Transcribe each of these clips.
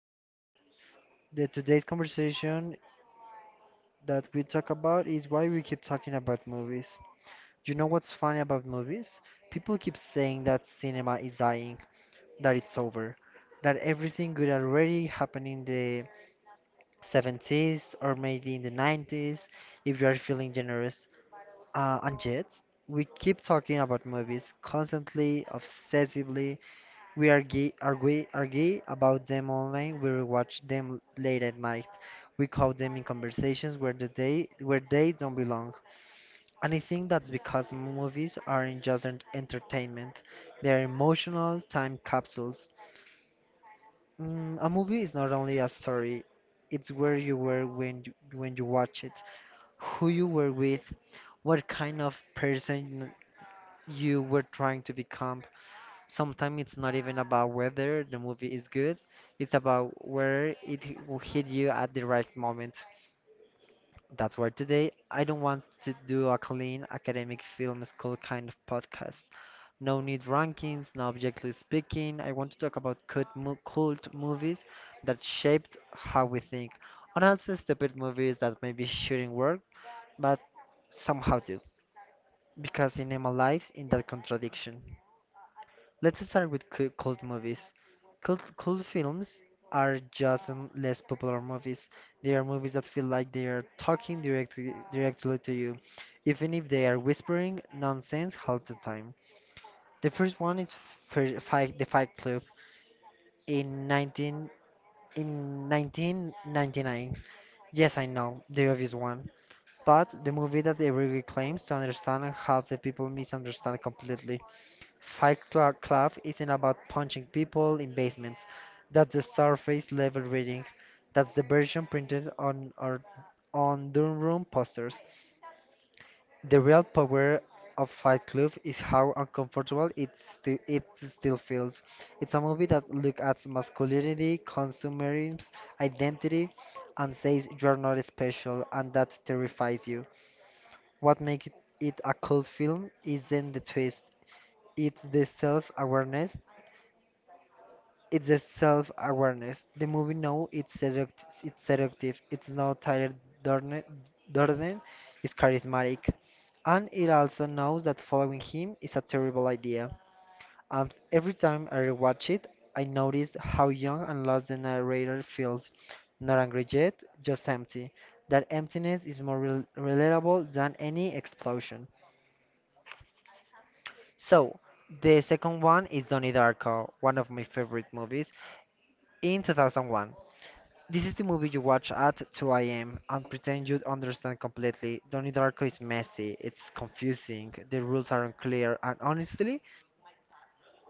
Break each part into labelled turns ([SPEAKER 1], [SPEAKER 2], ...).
[SPEAKER 1] Today, today's conversation that we talk about is why we keep talking about movies. You know what's funny about movies? People keep saying that cinema is dying, that it's over, that everything good already happened in the 70s or maybe in the 90s if you are feeling generous. And yet, we keep talking about movies constantly, obsessively. We are gay about them online. We will watch them late at night. We call them in conversations where the they where they don't belong. And I think that's because movies aren't just entertainment; they're emotional time capsules. A movie is not only a story; it's where you were when you watch it, who you were with, what kind of person you were trying to become. Sometimes it's not even about whether the movie is good, it's about where it will hit you at the right moment. That's why today I don't want to do a clean academic film school kind of podcast. No need rankings, no objectively speaking. I want to talk about cult movies that shaped how we think, and also stupid movies that maybe shouldn't work, but somehow do, because cinema lives in that contradiction. Let's start with cult movies. Cult films are just less popular movies. They are movies that feel like they are talking directly to you, even if they are whispering nonsense half the time. The first one is The Fight Club in 19 in 1999. Yes, I know, the obvious one, but the movie that everyone claims to understand and half the people misunderstand completely. Fight Club isn't about punching people in basements. That's the surface level reading. That's the version printed on our on dorm room posters. The real power of Fight Club is how uncomfortable it still feels. It's a movie that looks at masculinity, consumerism, identity, and says you are not special, and that terrifies you. What makes it a cult film isn't the twist. It's the self-awareness. The movie now it's seduct it's seductive. It's now Tyler Durden, Durden is charismatic, and it also knows that following him is a terrible idea. And every time I rewatch it, I notice how young and lost the narrator feels, not angry yet, just empty. That emptiness is more relatable than any explosion. So, the second one is Donnie Darko, one of my favorite movies in 2001. This is the movie you watch at 2 a.m. and pretend you understand completely. Donnie Darko is messy, it's confusing, the rules are unclear, and honestly,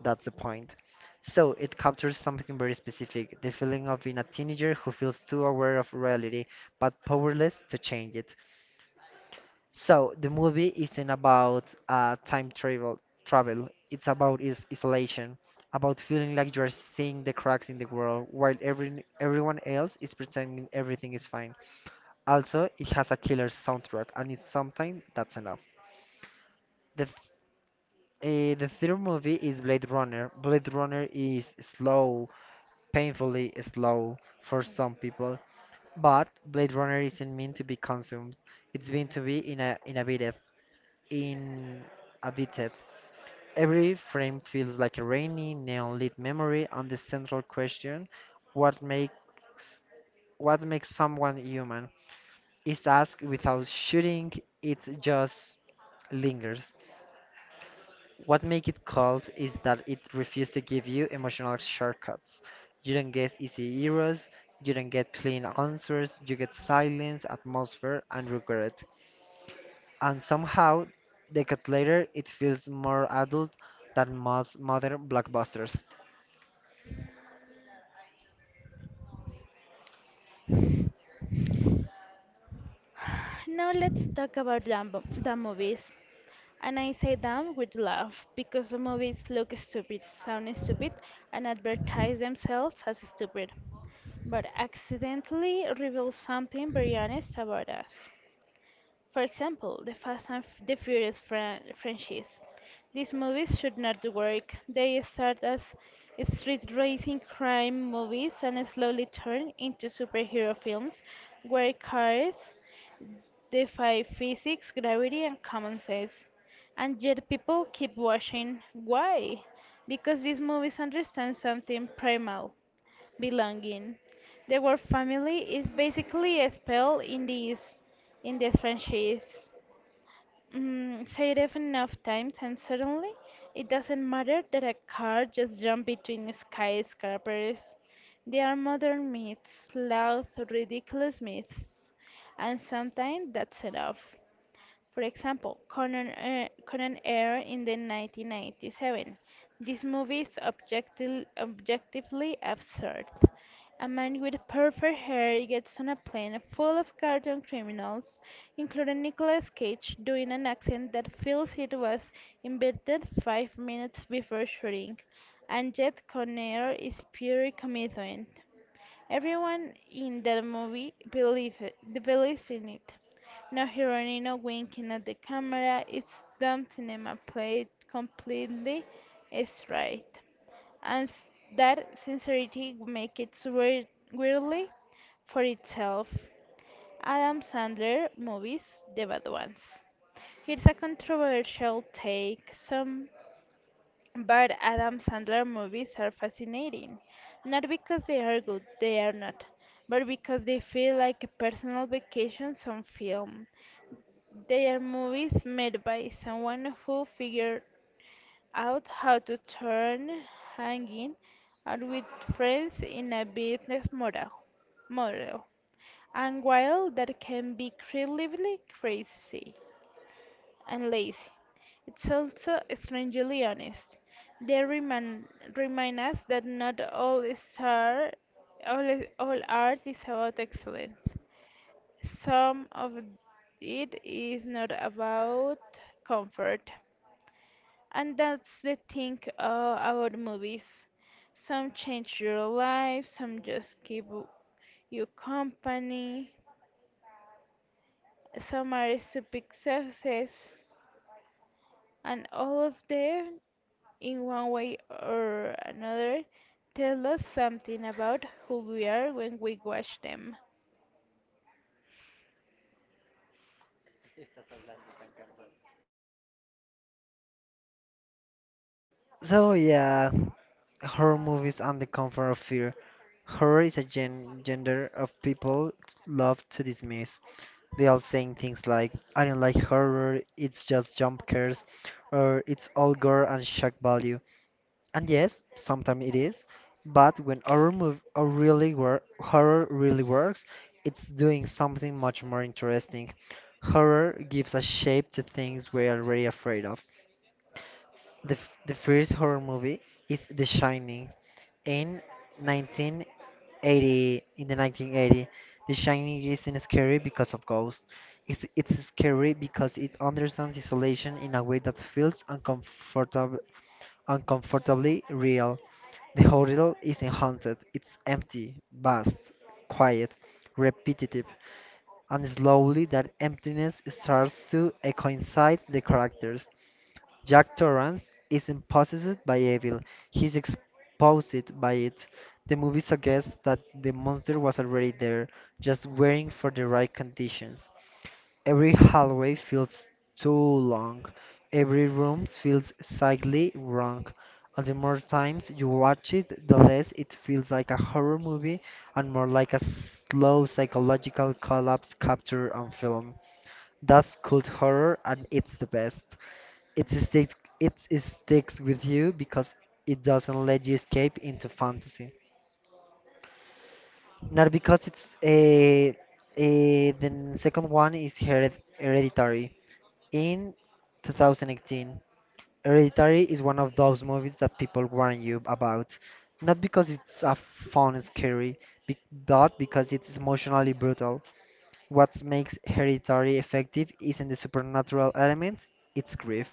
[SPEAKER 1] that's the point. So, it captures something very specific: the feeling of being a teenager who feels too aware of reality but powerless to change it. So, the movie isn't about travel, it's about is isolation, about feeling like you are seeing the cracks in the world while everyone else is pretending everything is fine. Also, it has a killer soundtrack, and it's sometimes that's enough. The th- the third movie is Blade Runner. Blade Runner is slow, painfully slow for some people, but Blade Runner isn't meant to be consumed. It's meant to be in a inhabited. Every frame feels like a rainy neon-lit memory, and the central question, what makes what makes someone human, is asked without shooting. It just lingers. What make it cold is that it refuses to give you emotional shortcuts. You don't get easy heroes, you don't get clean answers, you get silence, atmosphere, and regret. And somehow, decades later, it feels more adult than most modern blockbusters.
[SPEAKER 2] Now let's talk about dumb movies. And I say dumb with love because the movies look stupid, sound stupid, and advertise themselves as stupid, but accidentally reveal something very honest about us. For example, the Furious franchise. These movies should not work. They start as street racing crime movies and slowly turn into superhero films where cars they fight physics, gravity, and common sense. And yet people keep watching. Why? Because these movies understand something primal belonging. The word family is basically a spell in this franchise. Say it enough times, and suddenly it doesn't matter that a car just jumped between skyscrapers. They are modern myths, loud, ridiculous myths, and sometimes that's enough. For example, Conan Air in the 1997. This movie is objectively absurd. A man with perfect hair gets on a plane full of cartoon criminals, including Nicolas Cage doing an accent that feels it was invented 5 minutes before shooting, and yet Conair is pure commitment. Everyone in that movie believe it, Believes in it. No heroine, no winking at the camera, it's dumb cinema played completely straight. And s- that sincerity make it weird, weirdly for itself. Adam Sandler movies, the bad ones. Here's a controversial take. Some but Adam Sandler movies are fascinating, not because they are good, they are not, but because they feel like a personal vacation on film. They are movies made by someone who figured out how to turn hanging out with friends in a business model. And while that can be incredibly crazy, and lazy. It's also strangely honest. They remind, Remind us that not star, all art is about excellence. Some of it is not about comfort. And that's the thing about movies. Some change your life, some just keep you company, some are stupid success, and all of them in one way or another, tell us something about who we are when we watch them.
[SPEAKER 1] So yeah, horror movies and the comfort of fear. Horror is a gender of people love to dismiss. They all saying things like, I don't like horror, it's just jump scares, or it's all gore and shock value. And yes, sometimes it is, but when horror really works, it's doing something much more interesting. Horror gives a shape to things we're already afraid of. The first horror movie is The Shining in 1980. In the 1980, The Shining isn't scary because of ghosts. It's scary because it understands isolation in a way that feels uncomfortably real. The hotel isn't haunted. It's empty, vast, quiet, repetitive, and slowly that emptiness starts to coincide the characters. Jack Torrance isn't possessed by evil, he's exposed by it. The movie suggests that the monster was already there, just waiting for the right conditions. Every hallway feels too long, every room feels slightly wrong. And the more times you watch it, the less it feels like a horror movie and more like a slow psychological collapse captured on film. That's cult horror and it's the best. It sticks it sticks with you because it doesn't let you escape into fantasy. Not because it's a the second one is Hereditary. In 2018, Hereditary is one of those movies that people warn you about, not because it's a fun and scary, be- but because it's emotionally brutal. What makes Hereditary effective isn't the supernatural elements, it's grief.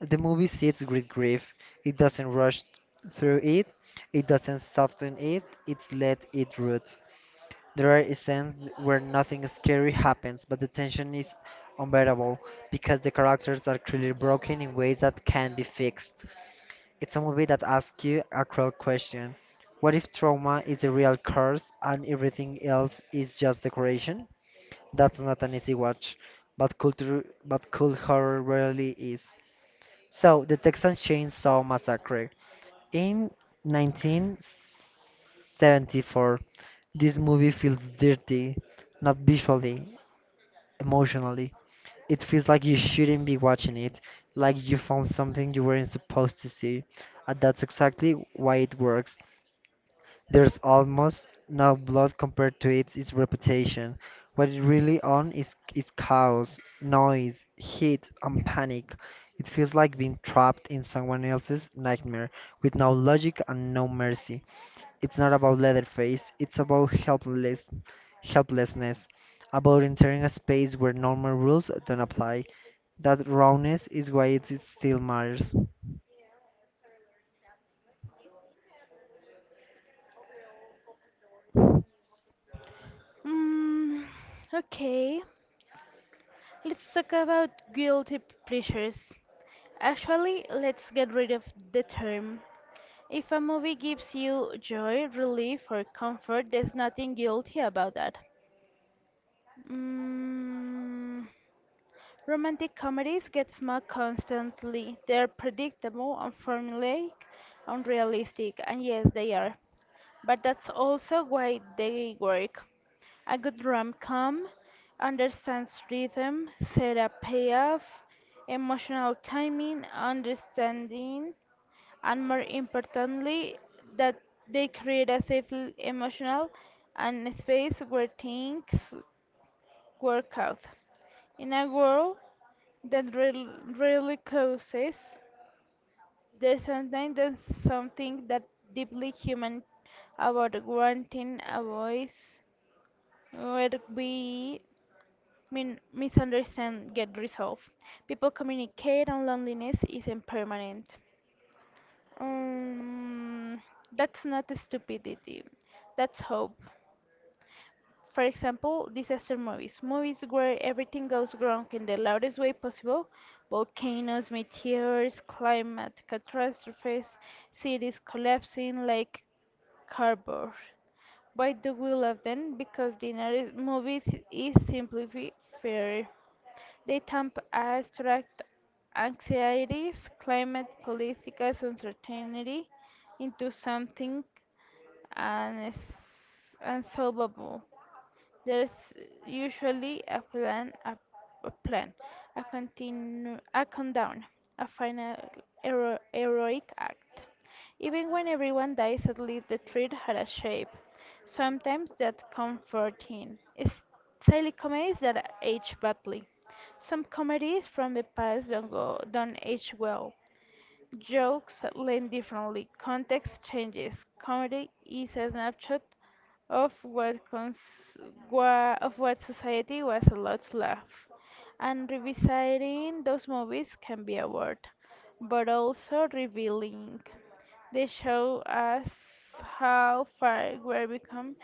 [SPEAKER 1] The movie sits with grief. It doesn't rush through it. It doesn't soften it. It's let it root. There are scenes where nothing scary happens, but the tension is unbearable because the characters are clearly broken in ways that can be fixed. It's a movie that asks you a cruel question. What if trauma is the real curse and everything else is just decoration? That's not an easy watch, but cool horror really is. So, the Texas Chainsaw Massacre. In 1974, this movie feels dirty, not visually, emotionally. It feels like you shouldn't be watching it, like you found something you weren't supposed to see. And that's exactly why it works. There's almost no blood compared to its reputation. What it really on is chaos, noise, heat, and panic. It feels like being trapped in someone else's nightmare with no logic and no mercy. It's not about Leatherface, it's about helplessness, about entering a space where normal rules don't apply. That rawness is why it is still matters.
[SPEAKER 2] Mm, okay, let's talk about guilty pleasures. Actually, let's get rid of the term. If a movie gives you joy, relief, or comfort, there's nothing guilty about that. Mm, Romantic comedies get smug constantly. They're predictable, unformulaic, unrealistic, and yes, they are. But that's also why they work. A good rom-com understands rhythm, setup, payoff, emotional timing, understanding, and more importantly, that they create a emotional and space where things work out. In a world that really closes there's something that deeply human about granting a voice where we misunderstand get resolved. People communicate and loneliness isn't permanent. Um, that's not stupidity. That's hope. For example, disaster movies, movies where everything goes wrong in the loudest way possible volcanoes, meteors, climate catastrophes, cities collapsing like cardboard. Why do we love them? Because the narrative movies is simply fair. They tamp abstract anxieties, climate, political uncertainty into something uns- unsolvable. There's usually a plan, a countdown, a final heroic act. Even when everyone dies, at least the treat had a shape. Sometimes that's comforting. It's silly comedies that age badly. Some comedies from the past don't age well. Jokes land differently. Context changes. Comedy is a snapshot of what cons wha of what society was allowed to laugh, and revisiting those movies can be a word, but also revealing. They show us how far we've become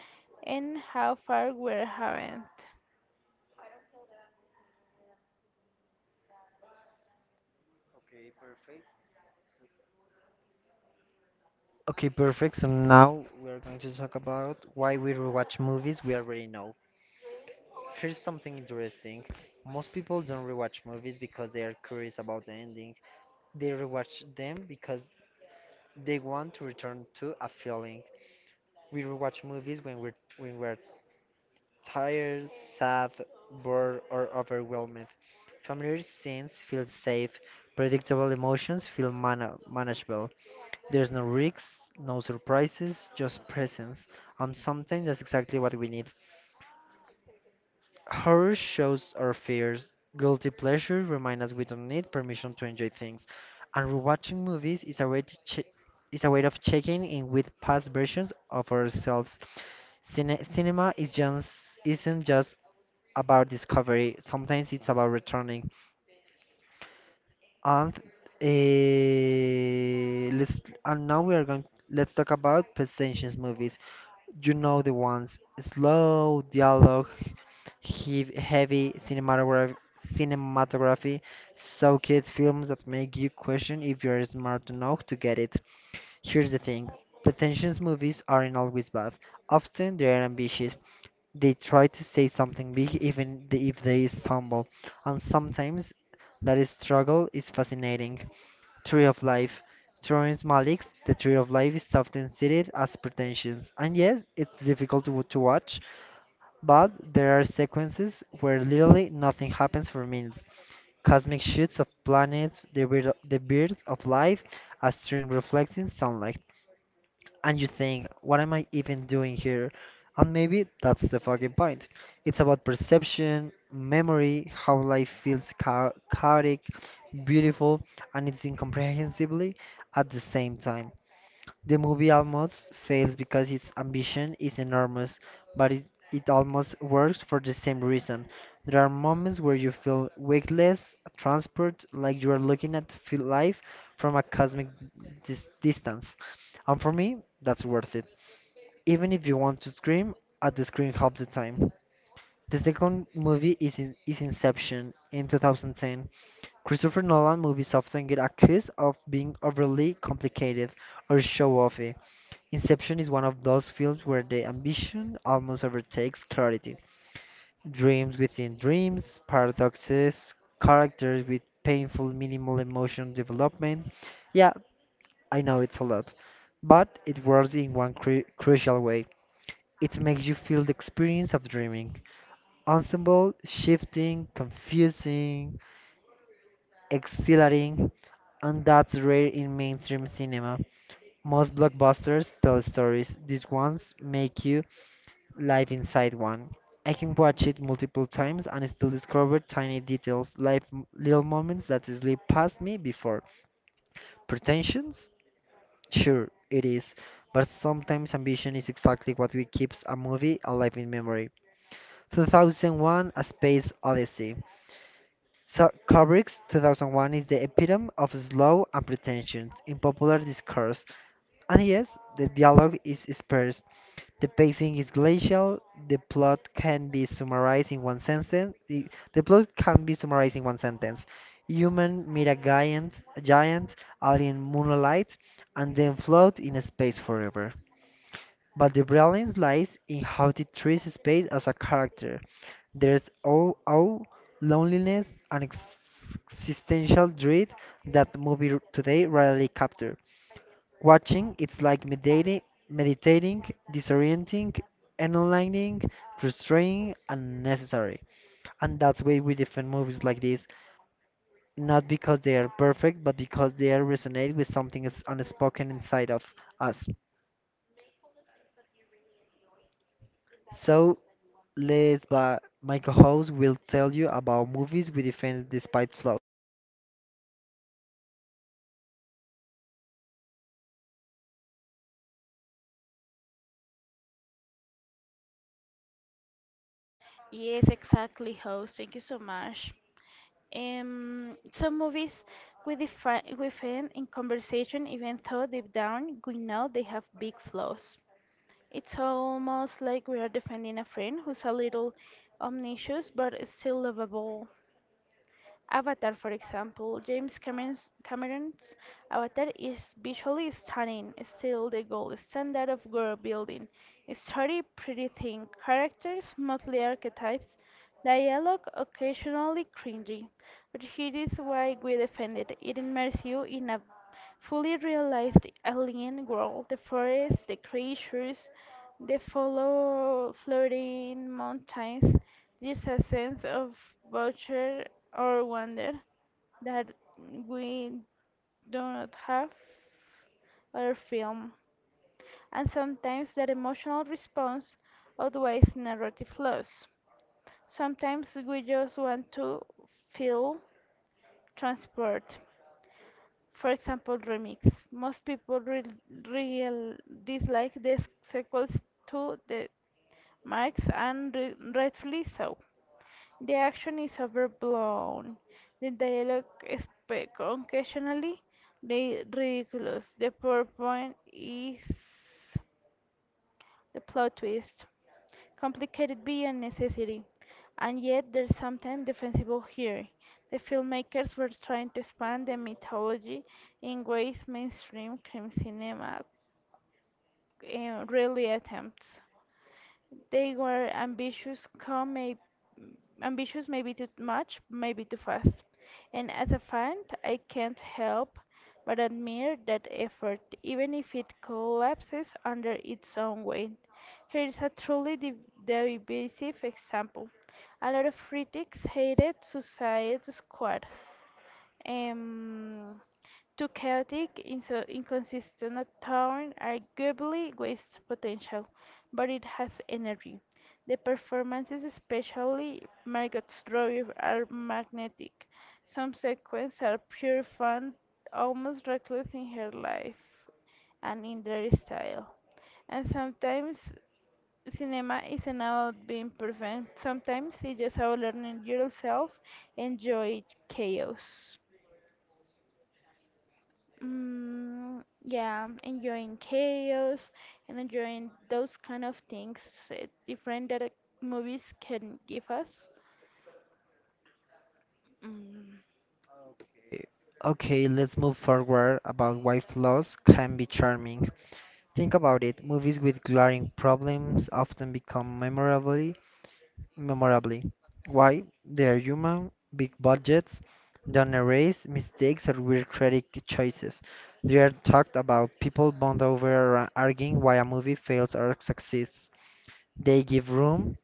[SPEAKER 2] and how far we haven't.
[SPEAKER 1] Okay, perfect. So now we are going to talk about why we rewatch movies we already know. Here's something interesting. Most people don't rewatch movies because they are curious about the ending. They rewatch them because they want to return to a feeling. We rewatch movies when we're tired, sad, bored, or overwhelmed. Familiar scenes feel safe, predictable emotions feel manageable. There's no risks, no surprises, just presence. And sometimes that's exactly what we need. Horror shows our fears. Guilty pleasure remind us we don't need permission to enjoy things. And rewatching movies is a way to che- is a way of checking in with past versions of ourselves. Cine- cinema is just isn't just about discovery. Sometimes it's about returning. And let's and now we are going. Let's talk about Pet Sentience movies. You know the ones. Slow dialogue, heavy cinematography, so-called films that make you question if you're smart enough to get it. Here's the thing. Pretentious movies aren't always bad. Often they are ambitious. They try to say something big if they stumble. And sometimes that struggle is fascinating. Tree of Life. Terrence Malick's The Tree of Life is often cited as pretentious, and yes, it's difficult to watch, but there are sequences where literally nothing happens for minutes. Cosmic shoots of planets, the birth of life, a stream reflecting sunlight, and you think, what am I even doing here? And maybe that's the fucking point. It's about perception, memory, how life feels chaotic, beautiful, and it's incomprehensibly at the same time. The movie almost fails because its ambition is enormous, but it almost works for the same reason. There are moments where you feel weightless, transport, like you are looking at life from a cosmic distance. And for me, that's worth it. Even if you want to scream at the screen half the time. The second movie is Inception in 2010. Christopher Nolan movies often get accused of being overly complicated or show-offy. Inception is one of those films where the ambition almost overtakes clarity. Dreams within dreams, paradoxes, characters with painful minimal emotion development. Yeah, I know it's a lot, but it works in one crucial way. It makes you feel the experience of dreaming. Ensemble, shifting, confusing, exhilarating, and that's rare in mainstream cinema. Most blockbusters tell stories, these ones make you live inside one. I can watch it multiple times and still discover tiny details, life, little moments that slip past me before. Pretensions? Sure, it is, but sometimes ambition is exactly what we keeps a movie alive in memory. 2001: A Space Odyssey. So Kubrick's 2001 is the epitome of slow and pretension in popular discourse. And yes, the dialogue is sparse, the pacing is glacial, the plot can be summarized in one sentence. The plot can be summarized in one sentence. Human meet a giant alien moonlight, and then float in space forever. But the brilliance lies in how it treats space as a character. There's all loneliness and existential dread that movie today rarely capture. Watching, it's like meditating, disorienting, enlightening, frustrating, and necessary. And that's why we defend movies like this, not because they are perfect, but because they are resonate with something that's unspoken inside of us. So Let's but my co-host will tell you about movies we defend despite flaws.
[SPEAKER 2] Yes, exactly, host. Thank you so much. Some movies we define we find in conversation, even though deep down we know they have big flaws. It's almost like we are defending a friend who's a little omniscient but still lovable. Avatar, for example, Cameron's Avatar is visually stunning, still the gold standard of world building. Story pretty thin, characters mostly archetypes, dialogue occasionally cringy. But here is why we defend it. It immerses you in a fully realize the alien world, the forest, the creatures, the follow floating mountains, there's a sense of voucher or wonder that we do not have other film, and sometimes that emotional response outweighs narrative flaws. Sometimes we just want to feel transport. For example, remix. Most people re real dislike the sequels to the Marx and re rightfully so. The action is overblown. The dialogue is occasionally ridiculous. The PowerPoint is the plot twist. Complicated beyond necessity. And yet there's something defensible here. The filmmakers were trying to expand the mythology in ways mainstream crime cinema rarely attempts. They were ambitious maybe too much, maybe too fast. And as a fan, I can't help but admire that effort, even if it collapses under its own weight. Here is a truly divisive example. A lot of critics hated Suicide Squad, um, two chaotic, inso inconsistent turn arguably wastes potential, but it has energy. The performances, especially Margot's Robbie, are magnetic. Some sequences are pure fun, almost reckless in her life and in their style. And sometimes cinema isn't about being perfect. Sometimes it's just about learning yourself, enjoy chaos. Yeah, enjoying chaos and enjoying those kind of things different that movies can give us. Mm,
[SPEAKER 1] Okay, let's move forward about why flaws can be charming. Think about it. Movies with glaring problems often become memorably. Why? They are human, big budgets, don't erase mistakes or weird creative choices. They are talked about people bond over arguing why a movie fails or succeeds. They give room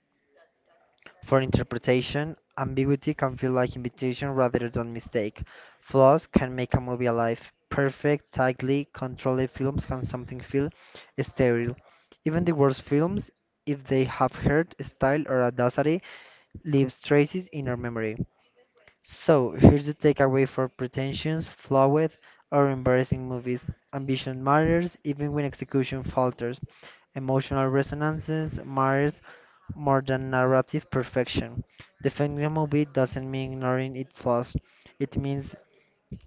[SPEAKER 1] for interpretation, ambiguity can feel like invitation rather than mistake. Flaws can make a movie alive. Perfect, tightly controlled films can something feel sterile. Even the worst films, if they have heart, style, or audacity, leaves traces in our memory. So, here's the takeaway for pretentious, flawed, or embarrassing movies. Ambition matters even when execution falters. Emotional resonances matters more than narrative perfection. Defending a movie doesn't mean ignoring its flaws. It means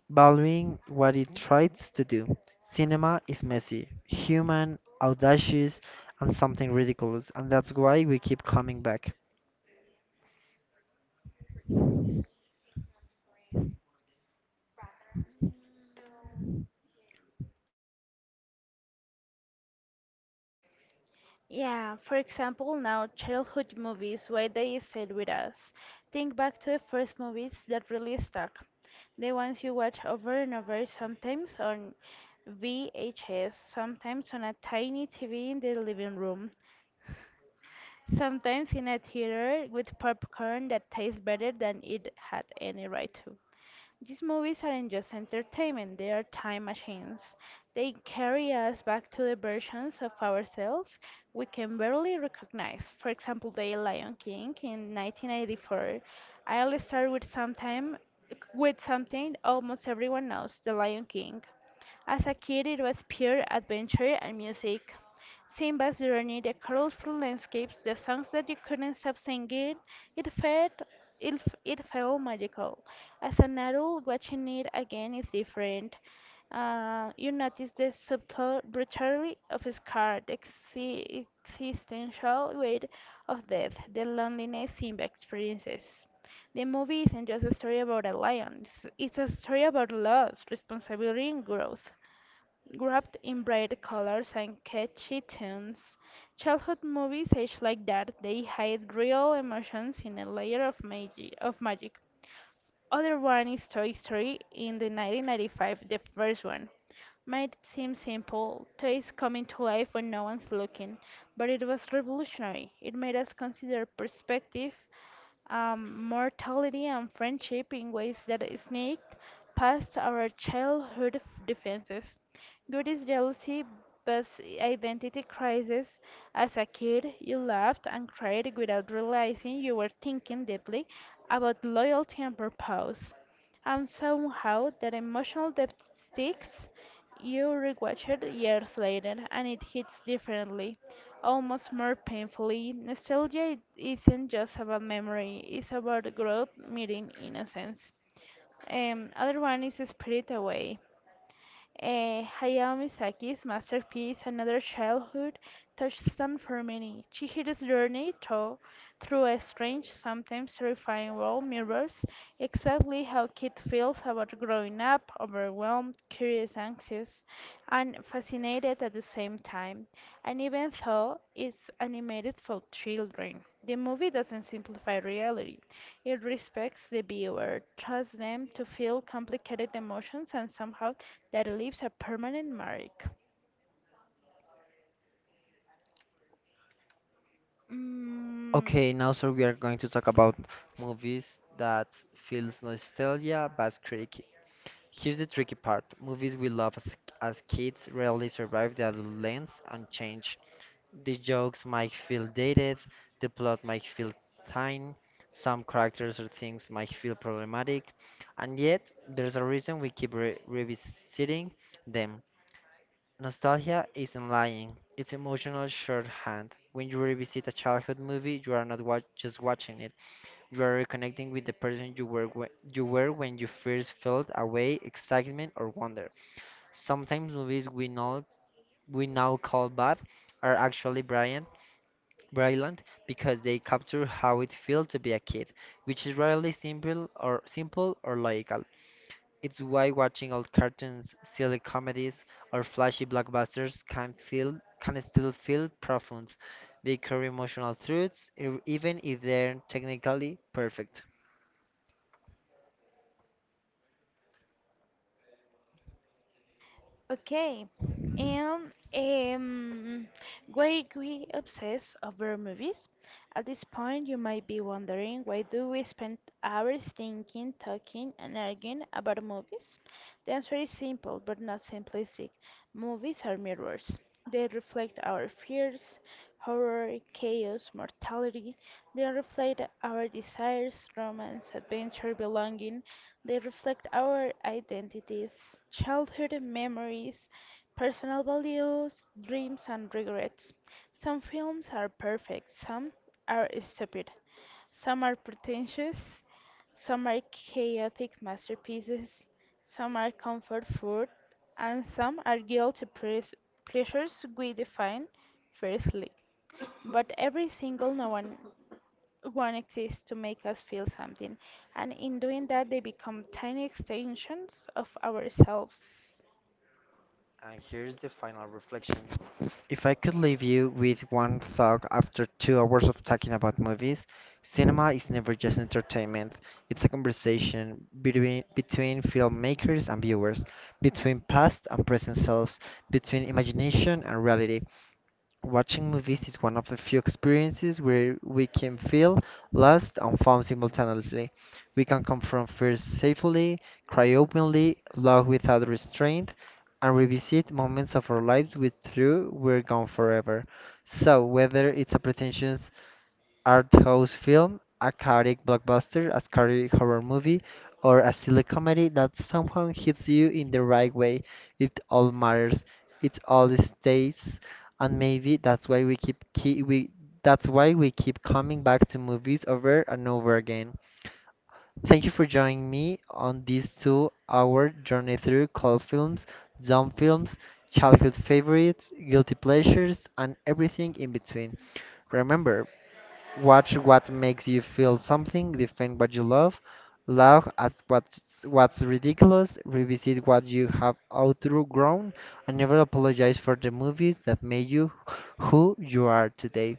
[SPEAKER 1] valuing what it tries to do. Cinema is messy, human, audacious, and something ridiculous, and that's why we keep coming back.
[SPEAKER 2] yeah, for example, now childhood movies, why they stayed with us. Think back to the first movies that really stuck. The ones you watch over and over, sometimes on VHS, sometimes on a tiny TV in the living room, sometimes in a theater with popcorn that tastes better than it had any right to. These movies aren't just entertainment, they are time machines. They carry us back to the versions of ourselves we can barely recognize. For example, The Lion King in 1984. I'll start with something almost everyone knows, The Lion King. As a kid, it was pure adventure and music. Simba's journey, the colorful landscapes, the songs that you couldn't stop singing, it felt it felt magical. As an adult, watching it again is different. You notice the subtle brutality of his scar, the existential weight of death, the loneliness Simba experiences. The movie isn't just a story about a lion, it's a story about loss, responsibility, and growth. Wrapped in bright colors and catchy tunes, childhood movies age like that. They hide real emotions in a layer of magic. Other one is Toy Story in the 1995, the first one. Made seem simple, toys coming to life when no one's looking, but it was revolutionary. It made us consider perspective, mortality and friendship in ways that sneaked past our defenses. Good is jealousy, but identity crisis. As a kid, you laughed and cried without realizing you were thinking deeply about loyalty and purpose. And somehow, that emotional depth sticks. You rewatch it years later, and it hits differently. Almost more painfully, nostalgia isn't just about memory, it's about growth meeting innocence. Other one is spirit away. Hayao Miyazaki's masterpiece, another childhood, touchstone for many. Through a strange, sometimes terrifying world mirrors exactly how kid feels about growing up, overwhelmed, curious, anxious, and fascinated at the same time. And even though it's animated for children, the movie doesn't simplify reality. It respects the viewer, trusts them to feel complicated emotions and somehow that leaves a permanent mark. Mm,
[SPEAKER 1] Okay, now so we are going to talk about movies that feels nostalgia but tricky. Here's the tricky part. Movies we love as kids rarely survive the adolescence and change. The jokes might feel dated, the plot might feel thin, some characters or things might feel problematic, and yet there's a reason we keep re revisiting them. Nostalgia isn't lying, it's emotional shorthand. When you revisit a childhood movie, you are not wa- just watching it, you are reconnecting with the person you were, you were when you first felt away, excitement, or wonder. Sometimes movies we, know, we now call bad are actually brilliant because they capture how it feels to be a kid, which is rarely simple or logical. It's why watching old cartoons, silly comedies, or flashy blockbusters can still feel profound. They carry emotional truths, even if they're technically perfect.
[SPEAKER 2] Okay. And um, why we obsess over movies? At this point, you might be wondering why do we spend hours thinking, talking, and arguing about movies? The answer is simple, but not simplistic. Movies are mirrors. They reflect our fears, horror, chaos, mortality. They reflect our desires, romance, adventure, belonging. They reflect our identities, childhood memories, personal values, dreams, and regrets. Some films are perfect, some are stupid, some are pretentious, some are chaotic masterpieces, some are comfort food, and some are guilty pleasures we define fiercely. But every single no one one exists to make us feel something. And in doing that, they become tiny extensions of ourselves.
[SPEAKER 1] And here's the final reflection. If I could leave you with one thought after 2 hours of talking about movies, cinema is never just entertainment. It's a conversation between filmmakers and viewers, between past and present selves, between imagination and reality. Watching movies is one of the few experiences where we can feel lost and found simultaneously. We can confront fears safely, cry openly, love without restraint, and revisit moments of our lives with through we're gone forever. So whether it's a pretentious art house film, a chaotic blockbuster, a scary horror movie, or a silly comedy that somehow hits you in the right way. It all matters. It all stays, and maybe that's why we keep key we that's why we keep coming back to movies over and over again. Thank you for joining me on this two-hour journey through cult films, dumb films, childhood favorites, guilty pleasures, and everything in between. Remember, watch what makes you feel something, defend what you love, laugh at what's ridiculous, revisit what you have outgrown, and never apologize for the movies that made you who you are today.